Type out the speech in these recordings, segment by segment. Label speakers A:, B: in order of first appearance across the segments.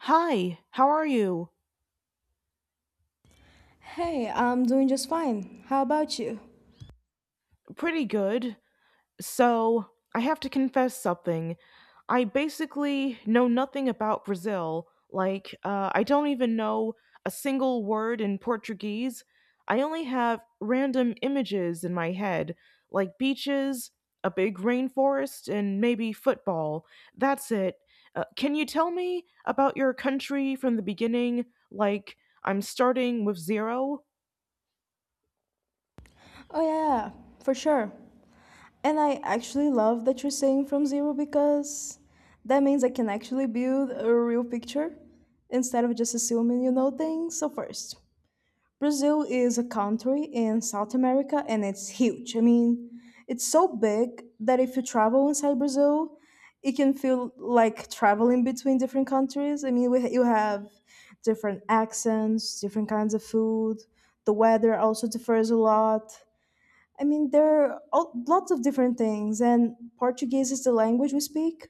A: Hi, how are you?
B: Hey, I'm doing just fine. How about you?
A: Pretty good. So, I have to confess something. I basically know nothing about Brazil. I don't even know a single word in Portuguese. I only have random images in my head, like beaches, a big rainforest, and maybe football. That's it. Can you tell me about your country from the beginning? Like, I'm starting with zero?
B: Oh, yeah, yeah, for sure. And I actually love that you're saying from zero because that means I can actually build a real picture instead of just assuming you know things. So, first. Brazil is a country in South America and it's huge. It's so big that if you travel inside Brazil, it can feel like traveling between different countries. You have different accents, different kinds of food. The weather also differs a lot. I mean, there lots of different things, and Portuguese is the language we speak,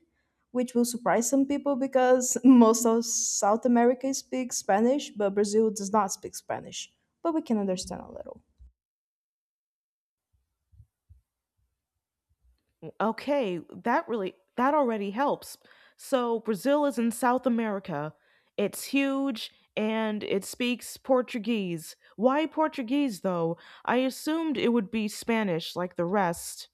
B: which will surprise some people because most of South America speaks Spanish, but Brazil does not speak Spanish. But we can understand a little.
A: Okay, that already helps. So Brazil is in South America. It's huge and it speaks Portuguese. Why Portuguese though? I assumed it would be Spanish like the rest.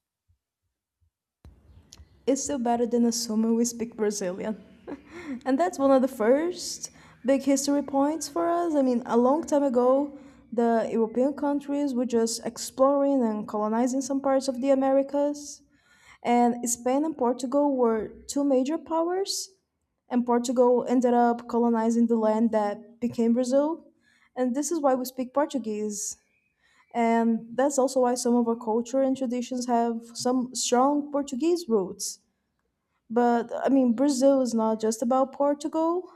B: It's still better than assuming we speak Brazilian. And that's one of the first big history points for us. I mean, a long time ago, the European countries were just exploring and colonizing some parts of the Americas. And Spain and Portugal were two major powers, and Portugal ended up colonizing the land that became Brazil. And this is why we speak Portuguese. And that's also why some of our culture and traditions have some strong Portuguese roots. But I mean, Brazil is not just about Portugal.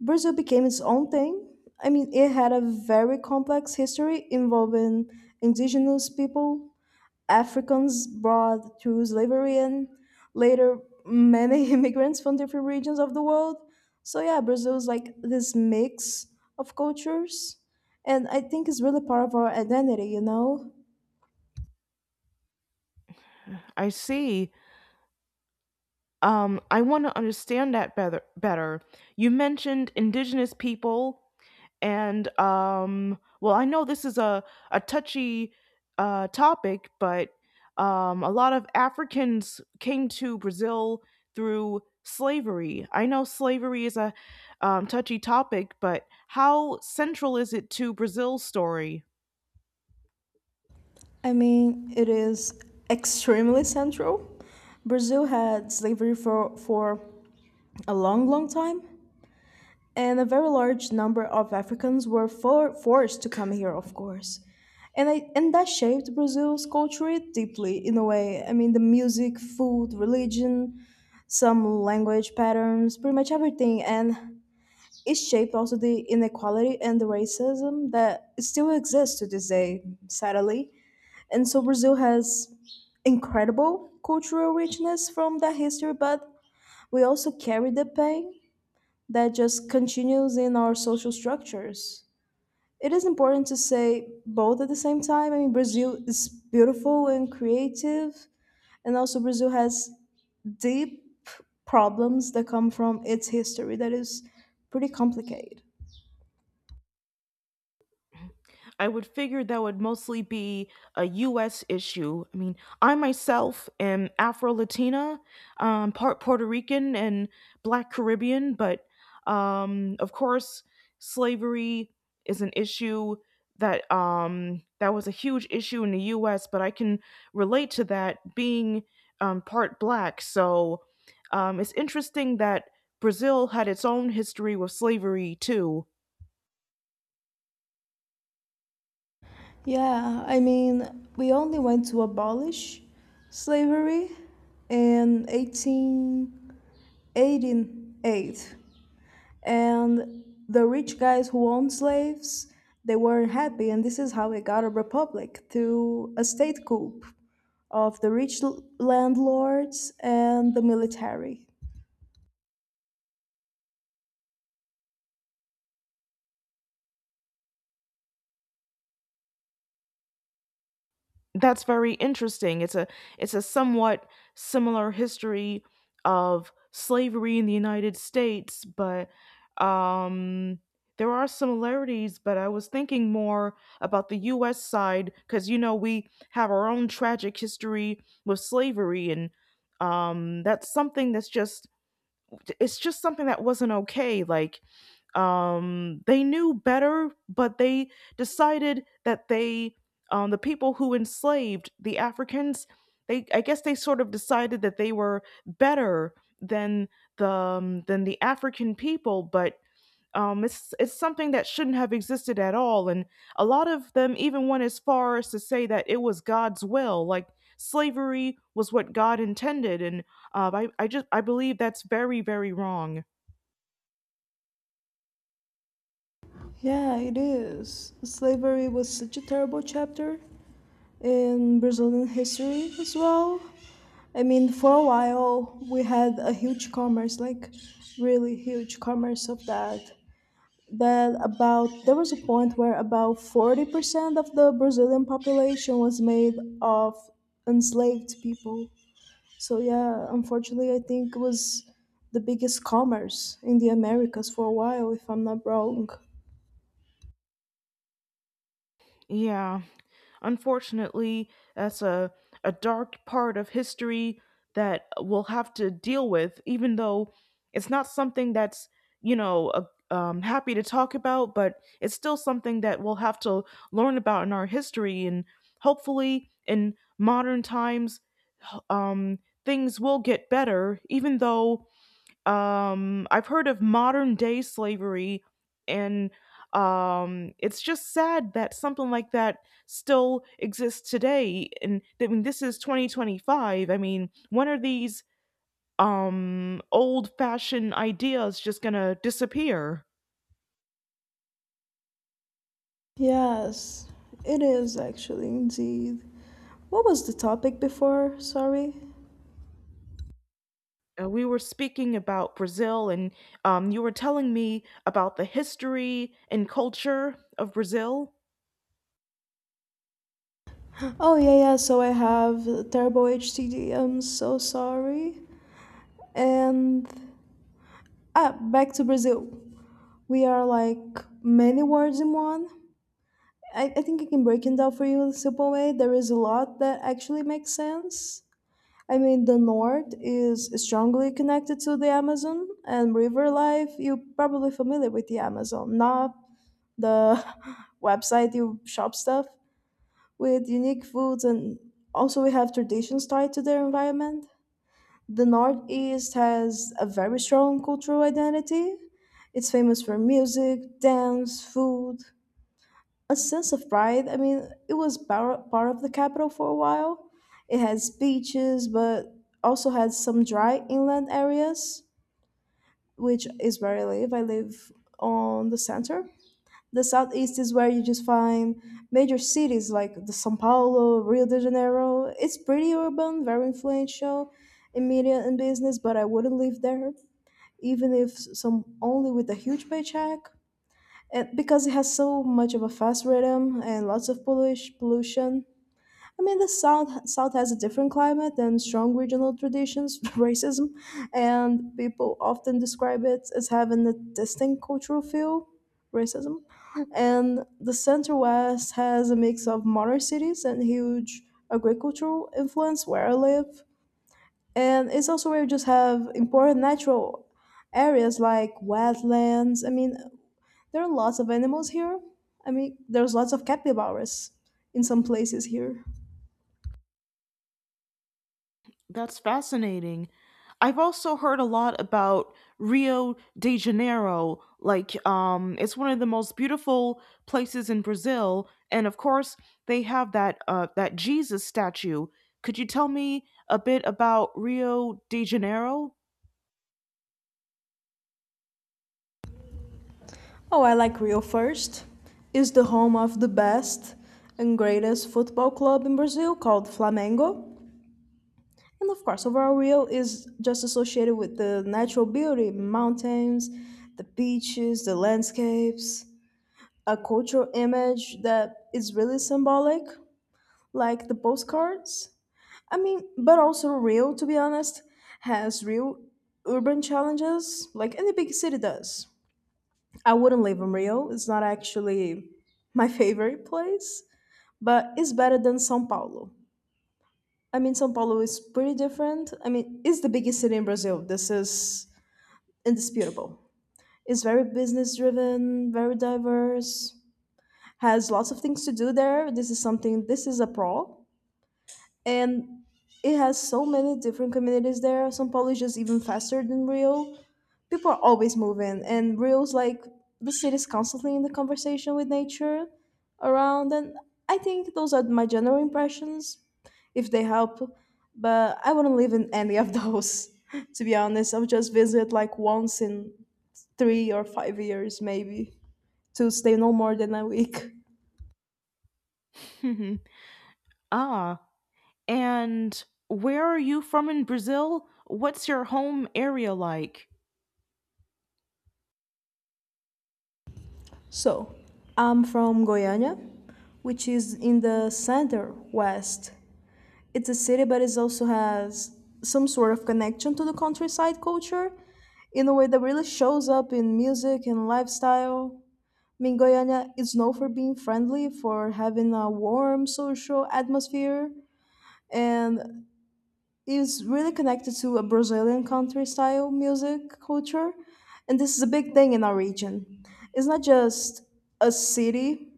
B: Brazil became its own thing. I mean, it had a very complex history involving indigenous people, Africans brought through slavery and later many immigrants from different regions of the world. So yeah, Brazil is like this mix of cultures and I think it's really part of our identity, you know?
A: I see. I want to understand that better. You mentioned indigenous people. And well, I know this is a touchy topic, but a lot of Africans came to Brazil through slavery. I know slavery is a touchy topic, but how central is it to Brazil's story?
B: I mean, it is extremely central. Brazil had slavery for a long, long time, and a very large number of Africans were forced to come here, of course. And that shaped Brazil's culture deeply in a way. I mean, the music, food, religion, some language patterns, pretty much everything. And it shaped also the inequality and the racism that still exists to this day, sadly. And so Brazil has incredible cultural richness from that history, but we also carry the pain that just continues in our social structures. It is important to say both at the same time. I mean, Brazil is beautiful and creative, and also Brazil has deep problems that come from its history that is pretty complicated.
A: I would figure that would mostly be a US issue. I mean, I myself am Afro Latina, part Puerto Rican and Black Caribbean, but of course, slavery is an issue that that was a huge issue in the US, but I can relate to that being part Black. So it's interesting that Brazil had its own history with slavery too.
B: Yeah, I mean, we only went to abolish slavery in 1888. And the rich guys who owned slaves, they weren't happy and this is how we got a republic through a state coup of the rich landlords and the military.
A: That's very interesting. It's a somewhat similar history of slavery in the United States, but um, there are similarities. But I was thinking more about the U.S. side because you know we have our own tragic history with slavery, and that's something that's just it's just something that wasn't okay. They knew better, but decided that they, the people who enslaved the Africans, they, I guess they sort of decided that they were better than than the African people, but. It's something that shouldn't have existed at all, and a lot of them even went as far as to say that it was God's will, like slavery was what God intended, and I believe that's very wrong.
B: Yeah, it is. Slavery was such a terrible chapter in Brazilian history as well. I mean, for a while we had a huge commerce, like really huge commerce of that that about There was a point where about 40% of the Brazilian population was made of enslaved people. So yeah, unfortunately I think it was the biggest commerce in the Americas for a while if I'm not wrong.
A: Yeah. Unfortunately, that's a dark part of history that we'll have to deal with, even though it's not something that's, you know, a, happy to talk about, but it's still something that we'll have to learn about in our history. And hopefully, in modern times, h- um, things will get better, even though I've heard of modern day slavery, and it's just sad that something like that still exists today. And I mean, this is 2025. I mean, when are these old fashioned ideas just going to disappear?
B: Yes, it is actually indeed. What was the topic before? Sorry.
A: We were speaking about Brazil, and you were telling me about the history and culture of Brazil.
B: Oh yeah, yeah. So I have terrible H T am so sorry. And ah, back to Brazil. We are like many words in one. I think I can break it down for you in a simple way. There is a lot that actually makes sense. I mean, the North is strongly connected to the Amazon and river life. You're probably familiar with the Amazon, not the website you shop stuff with, unique foods, and also we have traditions tied to their environment. The Northeast has a very strong cultural identity. It's famous for music, dance, food, a sense of pride. I mean, it was part of the capital for a while. It has beaches, but also has some dry inland areas, which is where I live. I live on the center. The southeast is where you just find major cities like the São Paulo, Rio de Janeiro. It's pretty urban, very influential in media and business, but I wouldn't live there, even if some only with a huge paycheck and because it has so much of a fast rhythm and lots of pollution. I mean, the South has a different climate and strong regional traditions, racism, and people often describe it as having a distinct cultural feel, racism. And the Center West has a mix of modern cities and huge agricultural influence where I live. And it's also where you just have important natural areas like wetlands. I mean, there are lots of animals here. I mean, there's lots of capybaras in some places here.
A: That's fascinating. I've also heard a lot about Rio de Janeiro. It's one of the most beautiful places in Brazil, and of course, they have that Jesus statue. Could you tell me a bit about Rio de Janeiro?
B: Oh, I like Rio first. It's the home of the best and greatest football club in Brazil called Flamengo. And of course, overall, Rio is just associated with the natural beauty, mountains, the beaches, the landscapes, a cultural image that is really symbolic, like the postcards. I mean, but also Rio, to be honest, has real urban challenges like any big city does. I wouldn't live in Rio, it's not actually my favorite place, but it's better than Sao Paulo. I mean, Sao Paulo is pretty different. I mean, it's the biggest city in Brazil. This is indisputable. It's very business driven, very diverse, has lots of things to do there. This is a pro. And it has so many different communities there. São Paulo is just even faster than Rio. People are always moving, and Rio's like the city's constantly in the conversation with nature around. And I think those are my general impressions, if they help. But I wouldn't live in any of those, to be honest. I'll just visit like once in 3 or 5 years, maybe, to stay no more than a week.
A: Ah, and where are you from in Brazil? What's your home area like?
B: So, I'm from Goiânia, which is in the center west. It's a city, but it also has some sort of connection to the countryside culture in a way that really shows up in music and lifestyle. I mean, Goiânia is known for being friendly, for having a warm social atmosphere, and is really connected to a Brazilian country style music culture. And this is a big thing in our region. It's not just a city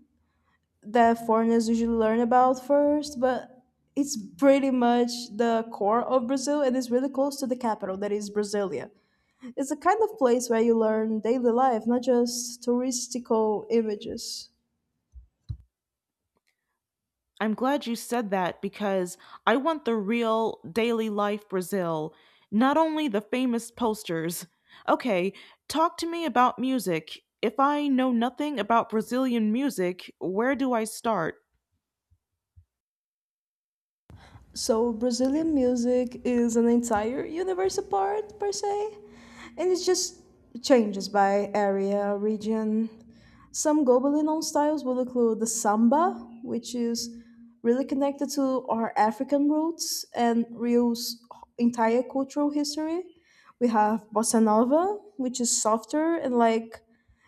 B: that foreigners usually learn about first, but it's pretty much the core of Brazil and it's really close to the capital, that is Brasilia. It's a kind of place where you learn daily life, not just touristical images.
A: I'm glad you said that because I want the real daily life Brazil, not only the famous posters. Okay, talk to me about music. If I know nothing about Brazilian music, where do I start?
B: So, Brazilian music is an entire universe apart, per se, and it just changes by area, region. Some globally known styles will include the samba, which is really connected to our African roots and Rio's entire cultural history. We have bossa nova, which is softer and like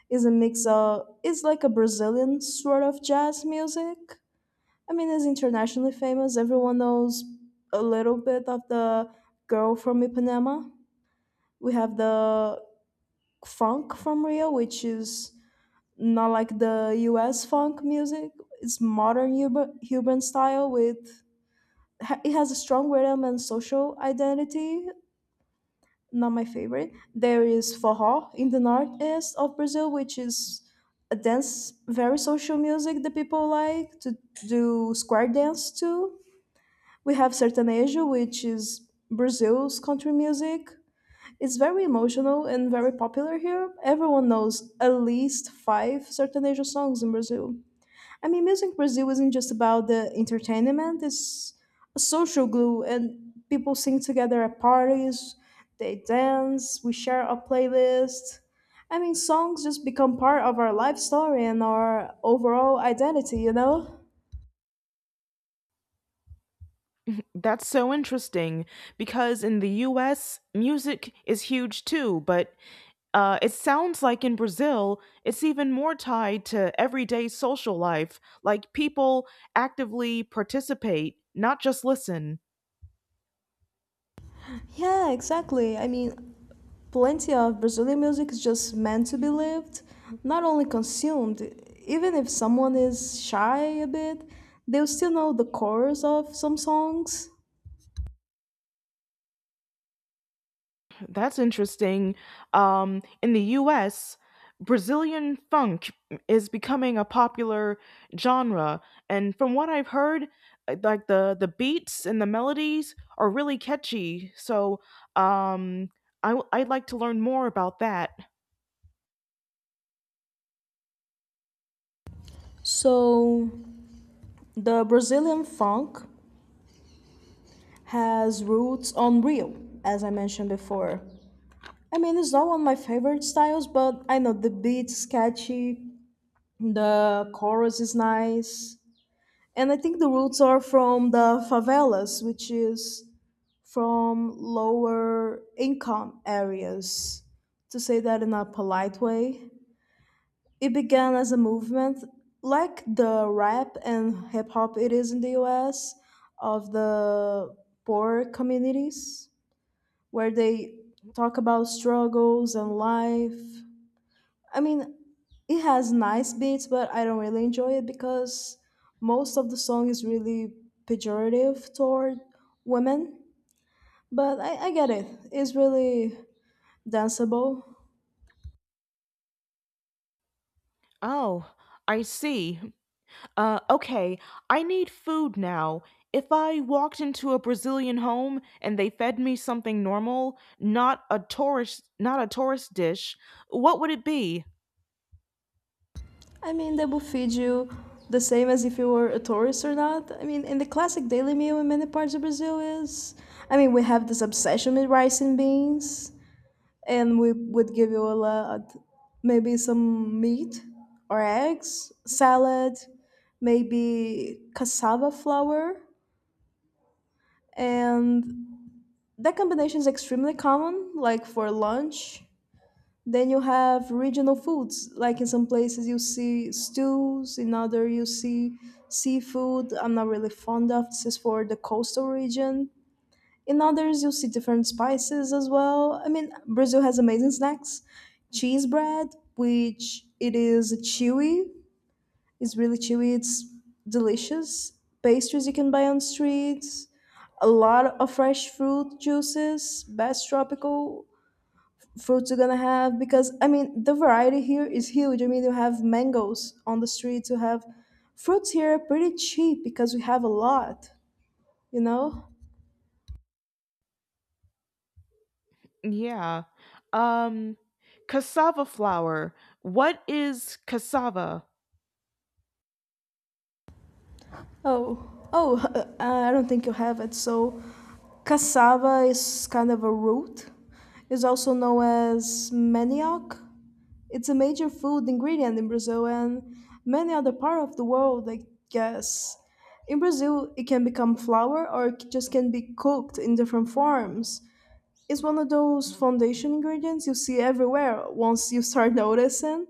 B: is a mix of is like a Brazilian sort of jazz music. I mean, it's internationally famous. Everyone knows a little bit of the girl from Ipanema. We have the funk from Rio, which is not like the US funk music. Urban style with it has a strong rhythm and social identity. Not my favorite. There is forró in the northeast of Brazil, which is a dance, very social music that people like to do square dance to. We have Sertanejo, which is Brazil's country music. It's very emotional and very popular here. Everyone knows at least five Sertanejo songs in Brazil. I mean, music in Brazil isn't just about the entertainment, it's a social glue, and people sing together at parties, they dance, we share a playlist. I mean, songs just become part of our life story and our overall identity, you know?
A: That's so interesting because in the US, music is huge too, but it sounds like in Brazil, it's even more tied to everyday social life. Like people actively participate, not just listen.
B: Yeah, exactly. I mean, plenty of Brazilian music is just meant to be lived, not only consumed. Even if someone is shy a bit, they'll still know the chorus of some songs.
A: That's interesting. In the US, Brazilian funk is becoming a popular genre, and from what I've heard, like the beats and the melodies are really catchy. So, um, I'd like to learn more about that.
B: So, the Brazilian funk has roots on Rio, as I mentioned before. I mean, it's not one of my favorite styles, but I know the beat's catchy, the chorus is nice, and I think the roots are from the favelas, which is from lower income areas, to say that in a polite way. It began as a movement like the rap and hip hop it is in the US, of the poor communities where they talk about struggles and life. I mean, it has nice beats, but I don't really enjoy it because most of the song is really pejorative toward women, but I get it. It's really danceable.
A: Oh, I see. Okay, I need food now. If I walked into a Brazilian home and they fed me something normal, not a tourist dish, what would it be?
B: I mean, they will feed you the same as if you were a tourist or not. I mean, in the classic daily meal in many parts of Brazil is. I mean, we have this obsession with rice and beans, and we would give you a lot, maybe some meat or eggs, salad, maybe cassava flour, and that combination is extremely common, like for lunch. Then you have regional foods, like in some places you see stews, in other you see seafood. I'm not really fond of this is for the coastal region. In others you see different spices as well. I mean, Brazil has amazing snacks. Cheese bread, which it is chewy, it's really chewy, it's delicious. Pastries you can buy on streets, a lot of fresh fruit juices, best tropical fruits you're gonna have. Because I mean the variety here is huge. I mean, you have mangoes on the streets, you have fruits here are pretty cheap because we have a lot, you know
A: Yeah. Um, cassava flour. What is cassava?
B: oh. I don't think you have it. So cassava is kind of a root. It's also known as manioc. It's a major food ingredient in Brazil and many other part of the world, I guess. In Brazil, it can become flour or it just can be cooked in different forms. It's one of those foundation ingredients you see everywhere once you start noticing.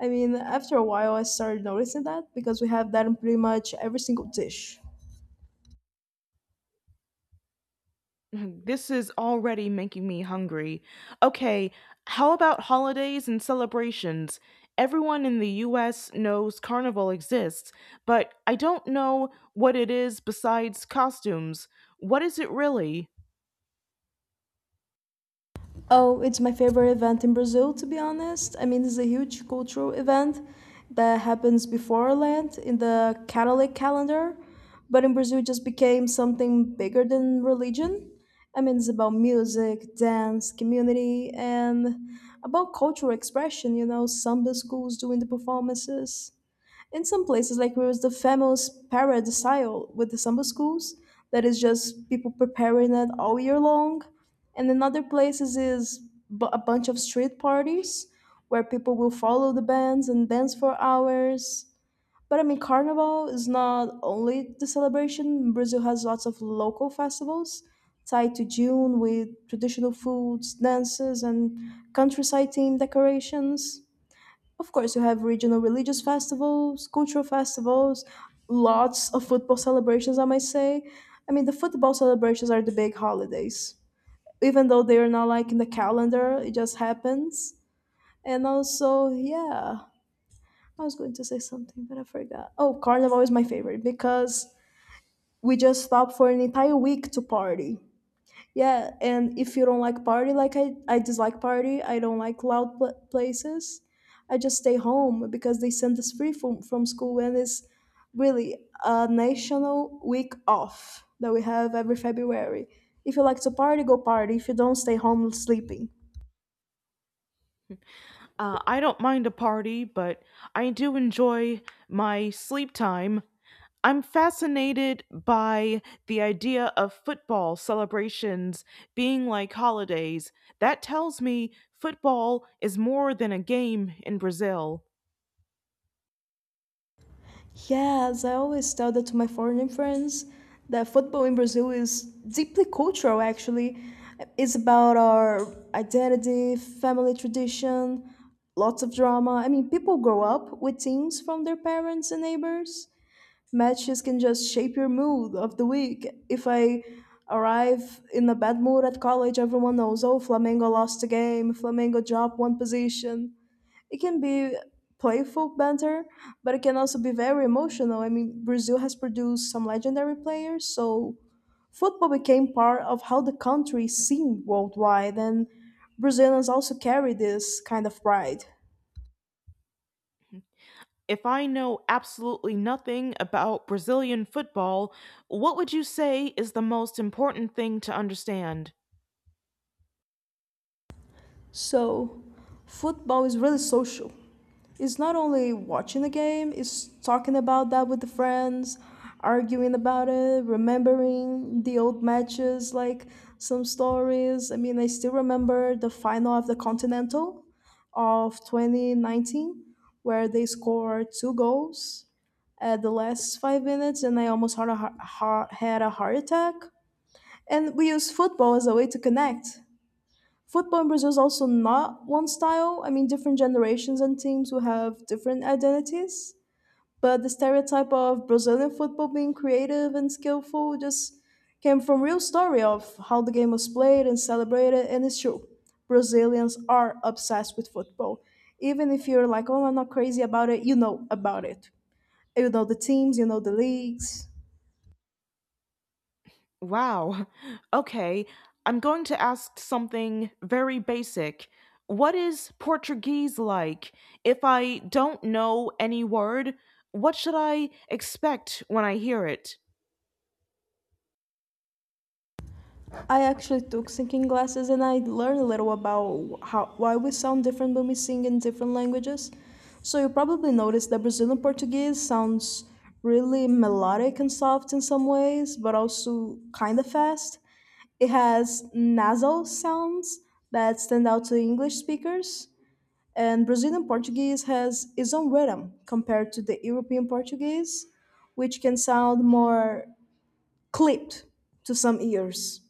B: I mean, after a while, I started noticing that because we have that in pretty much every single dish.
A: Mhm. This is already making me hungry. Okay, how about holidays and celebrations? Everyone in the US knows Carnival exists, but I don't know what it is besides costumes. What is it really?
B: Oh, it's my favorite event in Brazil, to be honest. I mean, it's a huge cultural event that happens before Lent in the Catholic calendar, but in Brazil it just became something bigger than religion. I mean, it's about music, dance, community, and about cultural expression, you know, samba schools doing the performances. In some places, like where was the famous parade style with the samba schools, that is just people preparing it all year long. And in other places is a bunch of street parties where people will follow the bands and dance for hours. But I mean, Carnival is not only the celebration. Brazil has lots of local festivals tied to June with traditional foods, dances, and countryside themed decorations. Of course, you have regional religious festivals, cultural festivals, lots of football celebrations, I might say. I mean, the football celebrations are the big holidays. Even though they are not like in the calendar, it just happens. And also, yeah, I was going to say something, but I forgot. Oh, Carnival is my favorite because we just stop for an entire week to party. Yeah, and if you don't like party, like I dislike party, I don't like loud places, I just stay home because they send us free from school and it's really a national week off that we have every February. If you like to party, go party. If you don't, stay home sleeping.
A: I don't mind a party, but I do enjoy my sleep time. I'm fascinated by the idea of football celebrations being like holidays. That tells me football is more than a game in Brazil.
B: Yes, I always tell that to my foreign friends that football in Brazil is deeply cultural, actually. It's about our identity, family tradition, lots of drama. I mean, people grow up with teams from their parents and neighbors. Matches can just shape your mood of the week. If I arrive in a bad mood at college, everyone knows, oh, Flamengo lost a game, Flamengo dropped one position. It can be playful banter, but it can also be very emotional. I mean, Brazil has produced some legendary players, so football became part of how the country is seen worldwide, and Brazilians also carry this kind of pride.
A: If I know absolutely nothing about Brazilian football, what would you say is the most important thing to understand?
B: So, football is really social. It's not only watching the game, it's talking about that with the friends, arguing about it, remembering the old matches, like some stories. I mean, I still remember the final of the Continental of 2019, where they scored two goals at the last 5 minutes, and I almost had a heart attack. And we use football as a way to connect. Football in Brazil is also not one style. I mean, different generations and teams will have different identities. But the stereotype of Brazilian football being creative and skillful just came from real story of how the game was played and celebrated, and it's true. Brazilians are obsessed with football. Even if you're like, oh, I'm not crazy about it, you know about it. You know the teams, you know the leagues.
A: Wow. Okay, I'm going to ask something very basic. What is Portuguese like? If I don't know any word, what should I expect when I hear it?
B: I actually took singing classes and I learned a little about how why we sound different when we sing in different languages. So you probably noticed that Brazilian Portuguese sounds really melodic and soft in some ways, but also kind of fast. It has nasal sounds that stand out to English speakers, and Brazilian Portuguese has its own rhythm compared to the European Portuguese, which can sound more clipped to some ears.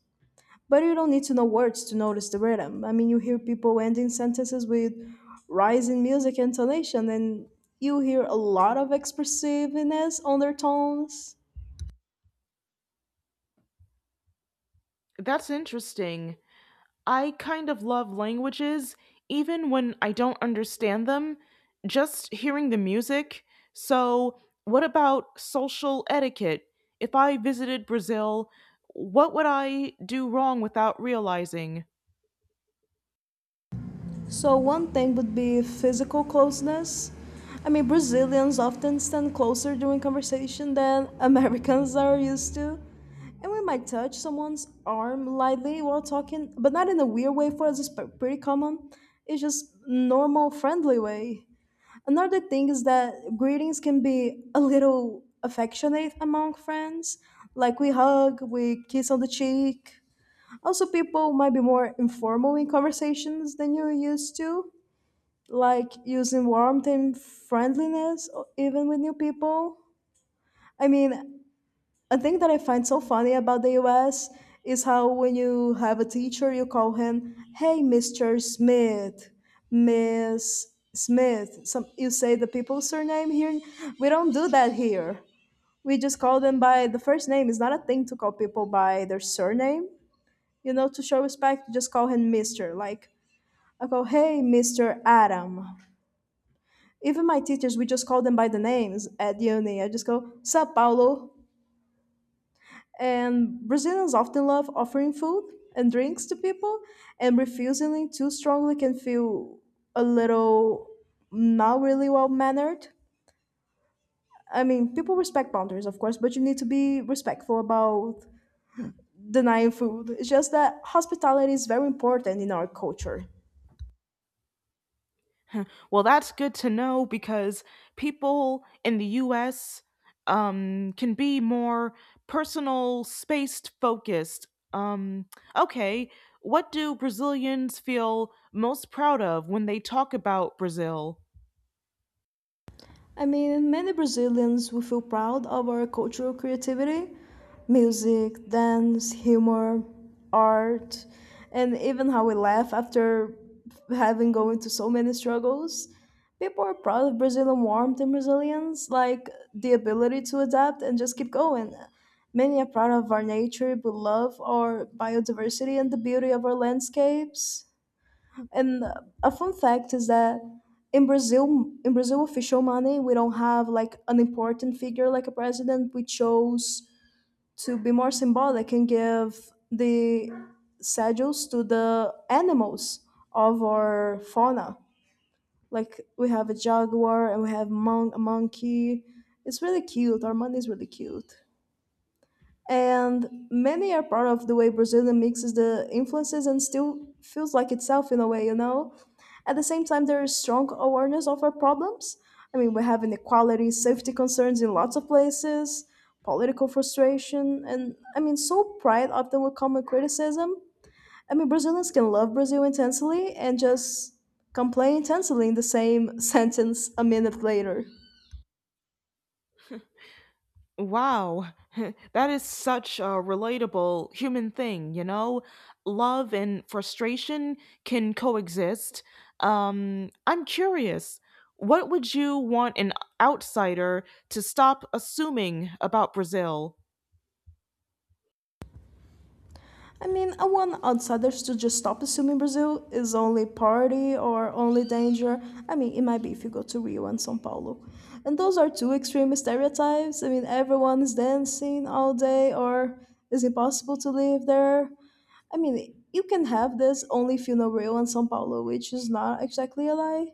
B: But you don't need to know words to notice the rhythm. I mean, you hear people ending sentences with rising music intonation, and you hear a lot of expressiveness on their tones.
A: That's interesting. I kind of love languages, even when I don't understand them, just hearing the music. So, what about social etiquette? If I visited Brazil, what would I do wrong without realizing?
B: So, one thing would be physical closeness. I mean, Brazilians often stand closer during conversation than Americans are used to. And we might touch someone's arm lightly while talking, but not in a weird way. For us, it's pretty common. It's just normal, friendly way. Another thing is that greetings can be a little affectionate among friends. Like we hug, we kiss on the cheek. Also, people might be more informal in conversations than you're used to, like using warmth and friendliness, even with new people. I mean, a thing that I find so funny about the US is how when you have a teacher, you call him, "Hey, Mr. Smith, Miss Smith." Some you say the people's surname here. We don't do that here. We just call them by the first name. It's not a thing to call people by their surname. You know, to show respect, you just call him Mr. Like I go, "Hey, Mr. Adam." Even my teachers, we just call them by the names at uni. I just go, "Sup, Paulo?" And Brazilians often love offering food and drinks to people, and refusing it too strongly can feel a little not really well mannered. I mean, people respect boundaries, of course, but you need to be respectful about denying food. It's just that hospitality is very important in our culture.
A: Well, that's good to know because people in the US can be more personal, spaced focused. Um, okay, what do Brazilians feel most proud of when they talk about Brazil?
B: I mean, many Brazilians will feel proud of our cultural creativity, music, dance, humor, art, and even how we laugh after having gone through so many struggles. People are proud of Brazilian warmth and resilience, like the ability to adapt and just keep going. Many are proud of our nature, we love our biodiversity and the beauty of our landscapes. And a fun fact is that in Brazil, in Brazil official money, we don't have like an important figure like a president. We chose to be more symbolic and give the schedules to the animals of our fauna. Like we have a jaguar and we have a monkey. It's really cute. Our money is really cute, and many are proud of the way Brazilian mixes the influences and still feels like itself in a way, you know. At the same time, there is strong awareness of our problems. I mean, we have inequality, safety concerns in lots of places, political frustration, and I mean, so pride often will come with criticism. I mean, Brazilians can love Brazil intensely and just complain intensely in the same sentence a minute later.
A: Wow, that is such a relatable human thing, you know? Love and frustration can coexist. I'm curious, what would you want an outsider to stop assuming about Brazil?
B: I mean, I want outsiders to just stop assuming Brazil is only party or only danger. I mean, it might be if you go to Rio and São Paulo. And those are two extreme stereotypes. I mean, everyone is dancing all day or it's impossible to live there. I mean, you can have this only if you know Rio and São Paulo, which is not exactly a lie.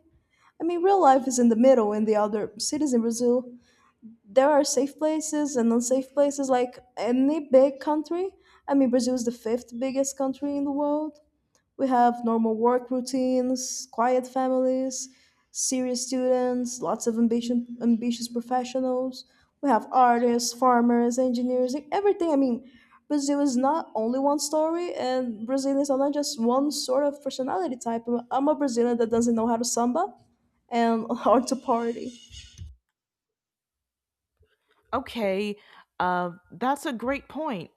B: I mean, real life is in the middle in the other cities in Brazil. There are safe places and unsafe places like any big country. I mean, Brazil is the fifth biggest country in the world. We have normal work routines, quiet families, serious students, lots of ambition, ambitious professionals. We have artists, farmers, engineers, like everything. I mean, Brazil is not only one story and Brazilians are not just one sort of personality type. I'm a Brazilian that doesn't know how to samba and how to party.
A: Okay, that's a great point.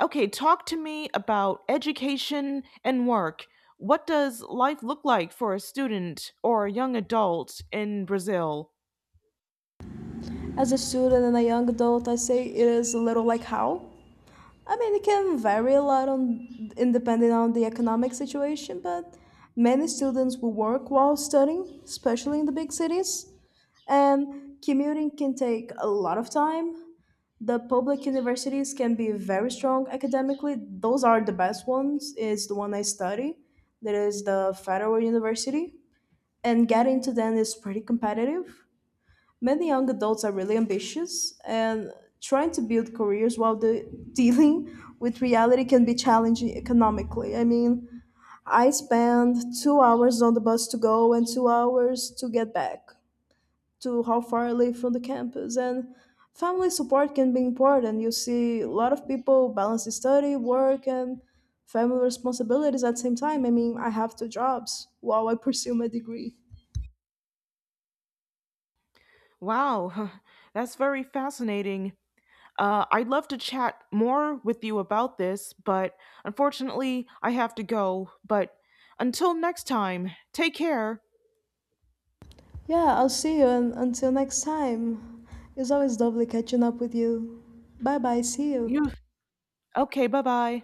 A: Okay, talk to me about education and work. What does life look like for a student or a young adult in Brazil?
B: As a student and a young adult, I say it is a little like how. I mean, it can vary a lot on, in depending on the economic situation, but many students will work while studying, especially in the big cities. And commuting can take a lot of time. The public universities can be very strong academically. Those are the best ones. Is the one I study. There is the Federal University, and getting to them is pretty competitive. Many young adults are really ambitious and trying to build careers while the dealing with reality can be challenging economically. I mean, I spend 2 hours on the bus to go and 2 hours to get back to how far I live from the campus. And family support can be important. You see a lot of people balance study, work, and family responsibilities at the same time. I mean, I have two jobs while I pursue my degree.
A: Wow, that's very fascinating. I'd love to chat more with you about this, but unfortunately, I have to go. But until next time, take care.
B: Yeah, I'll see you and until next time. It's always lovely catching up with you. Bye bye, see you.
A: You okay? Bye bye.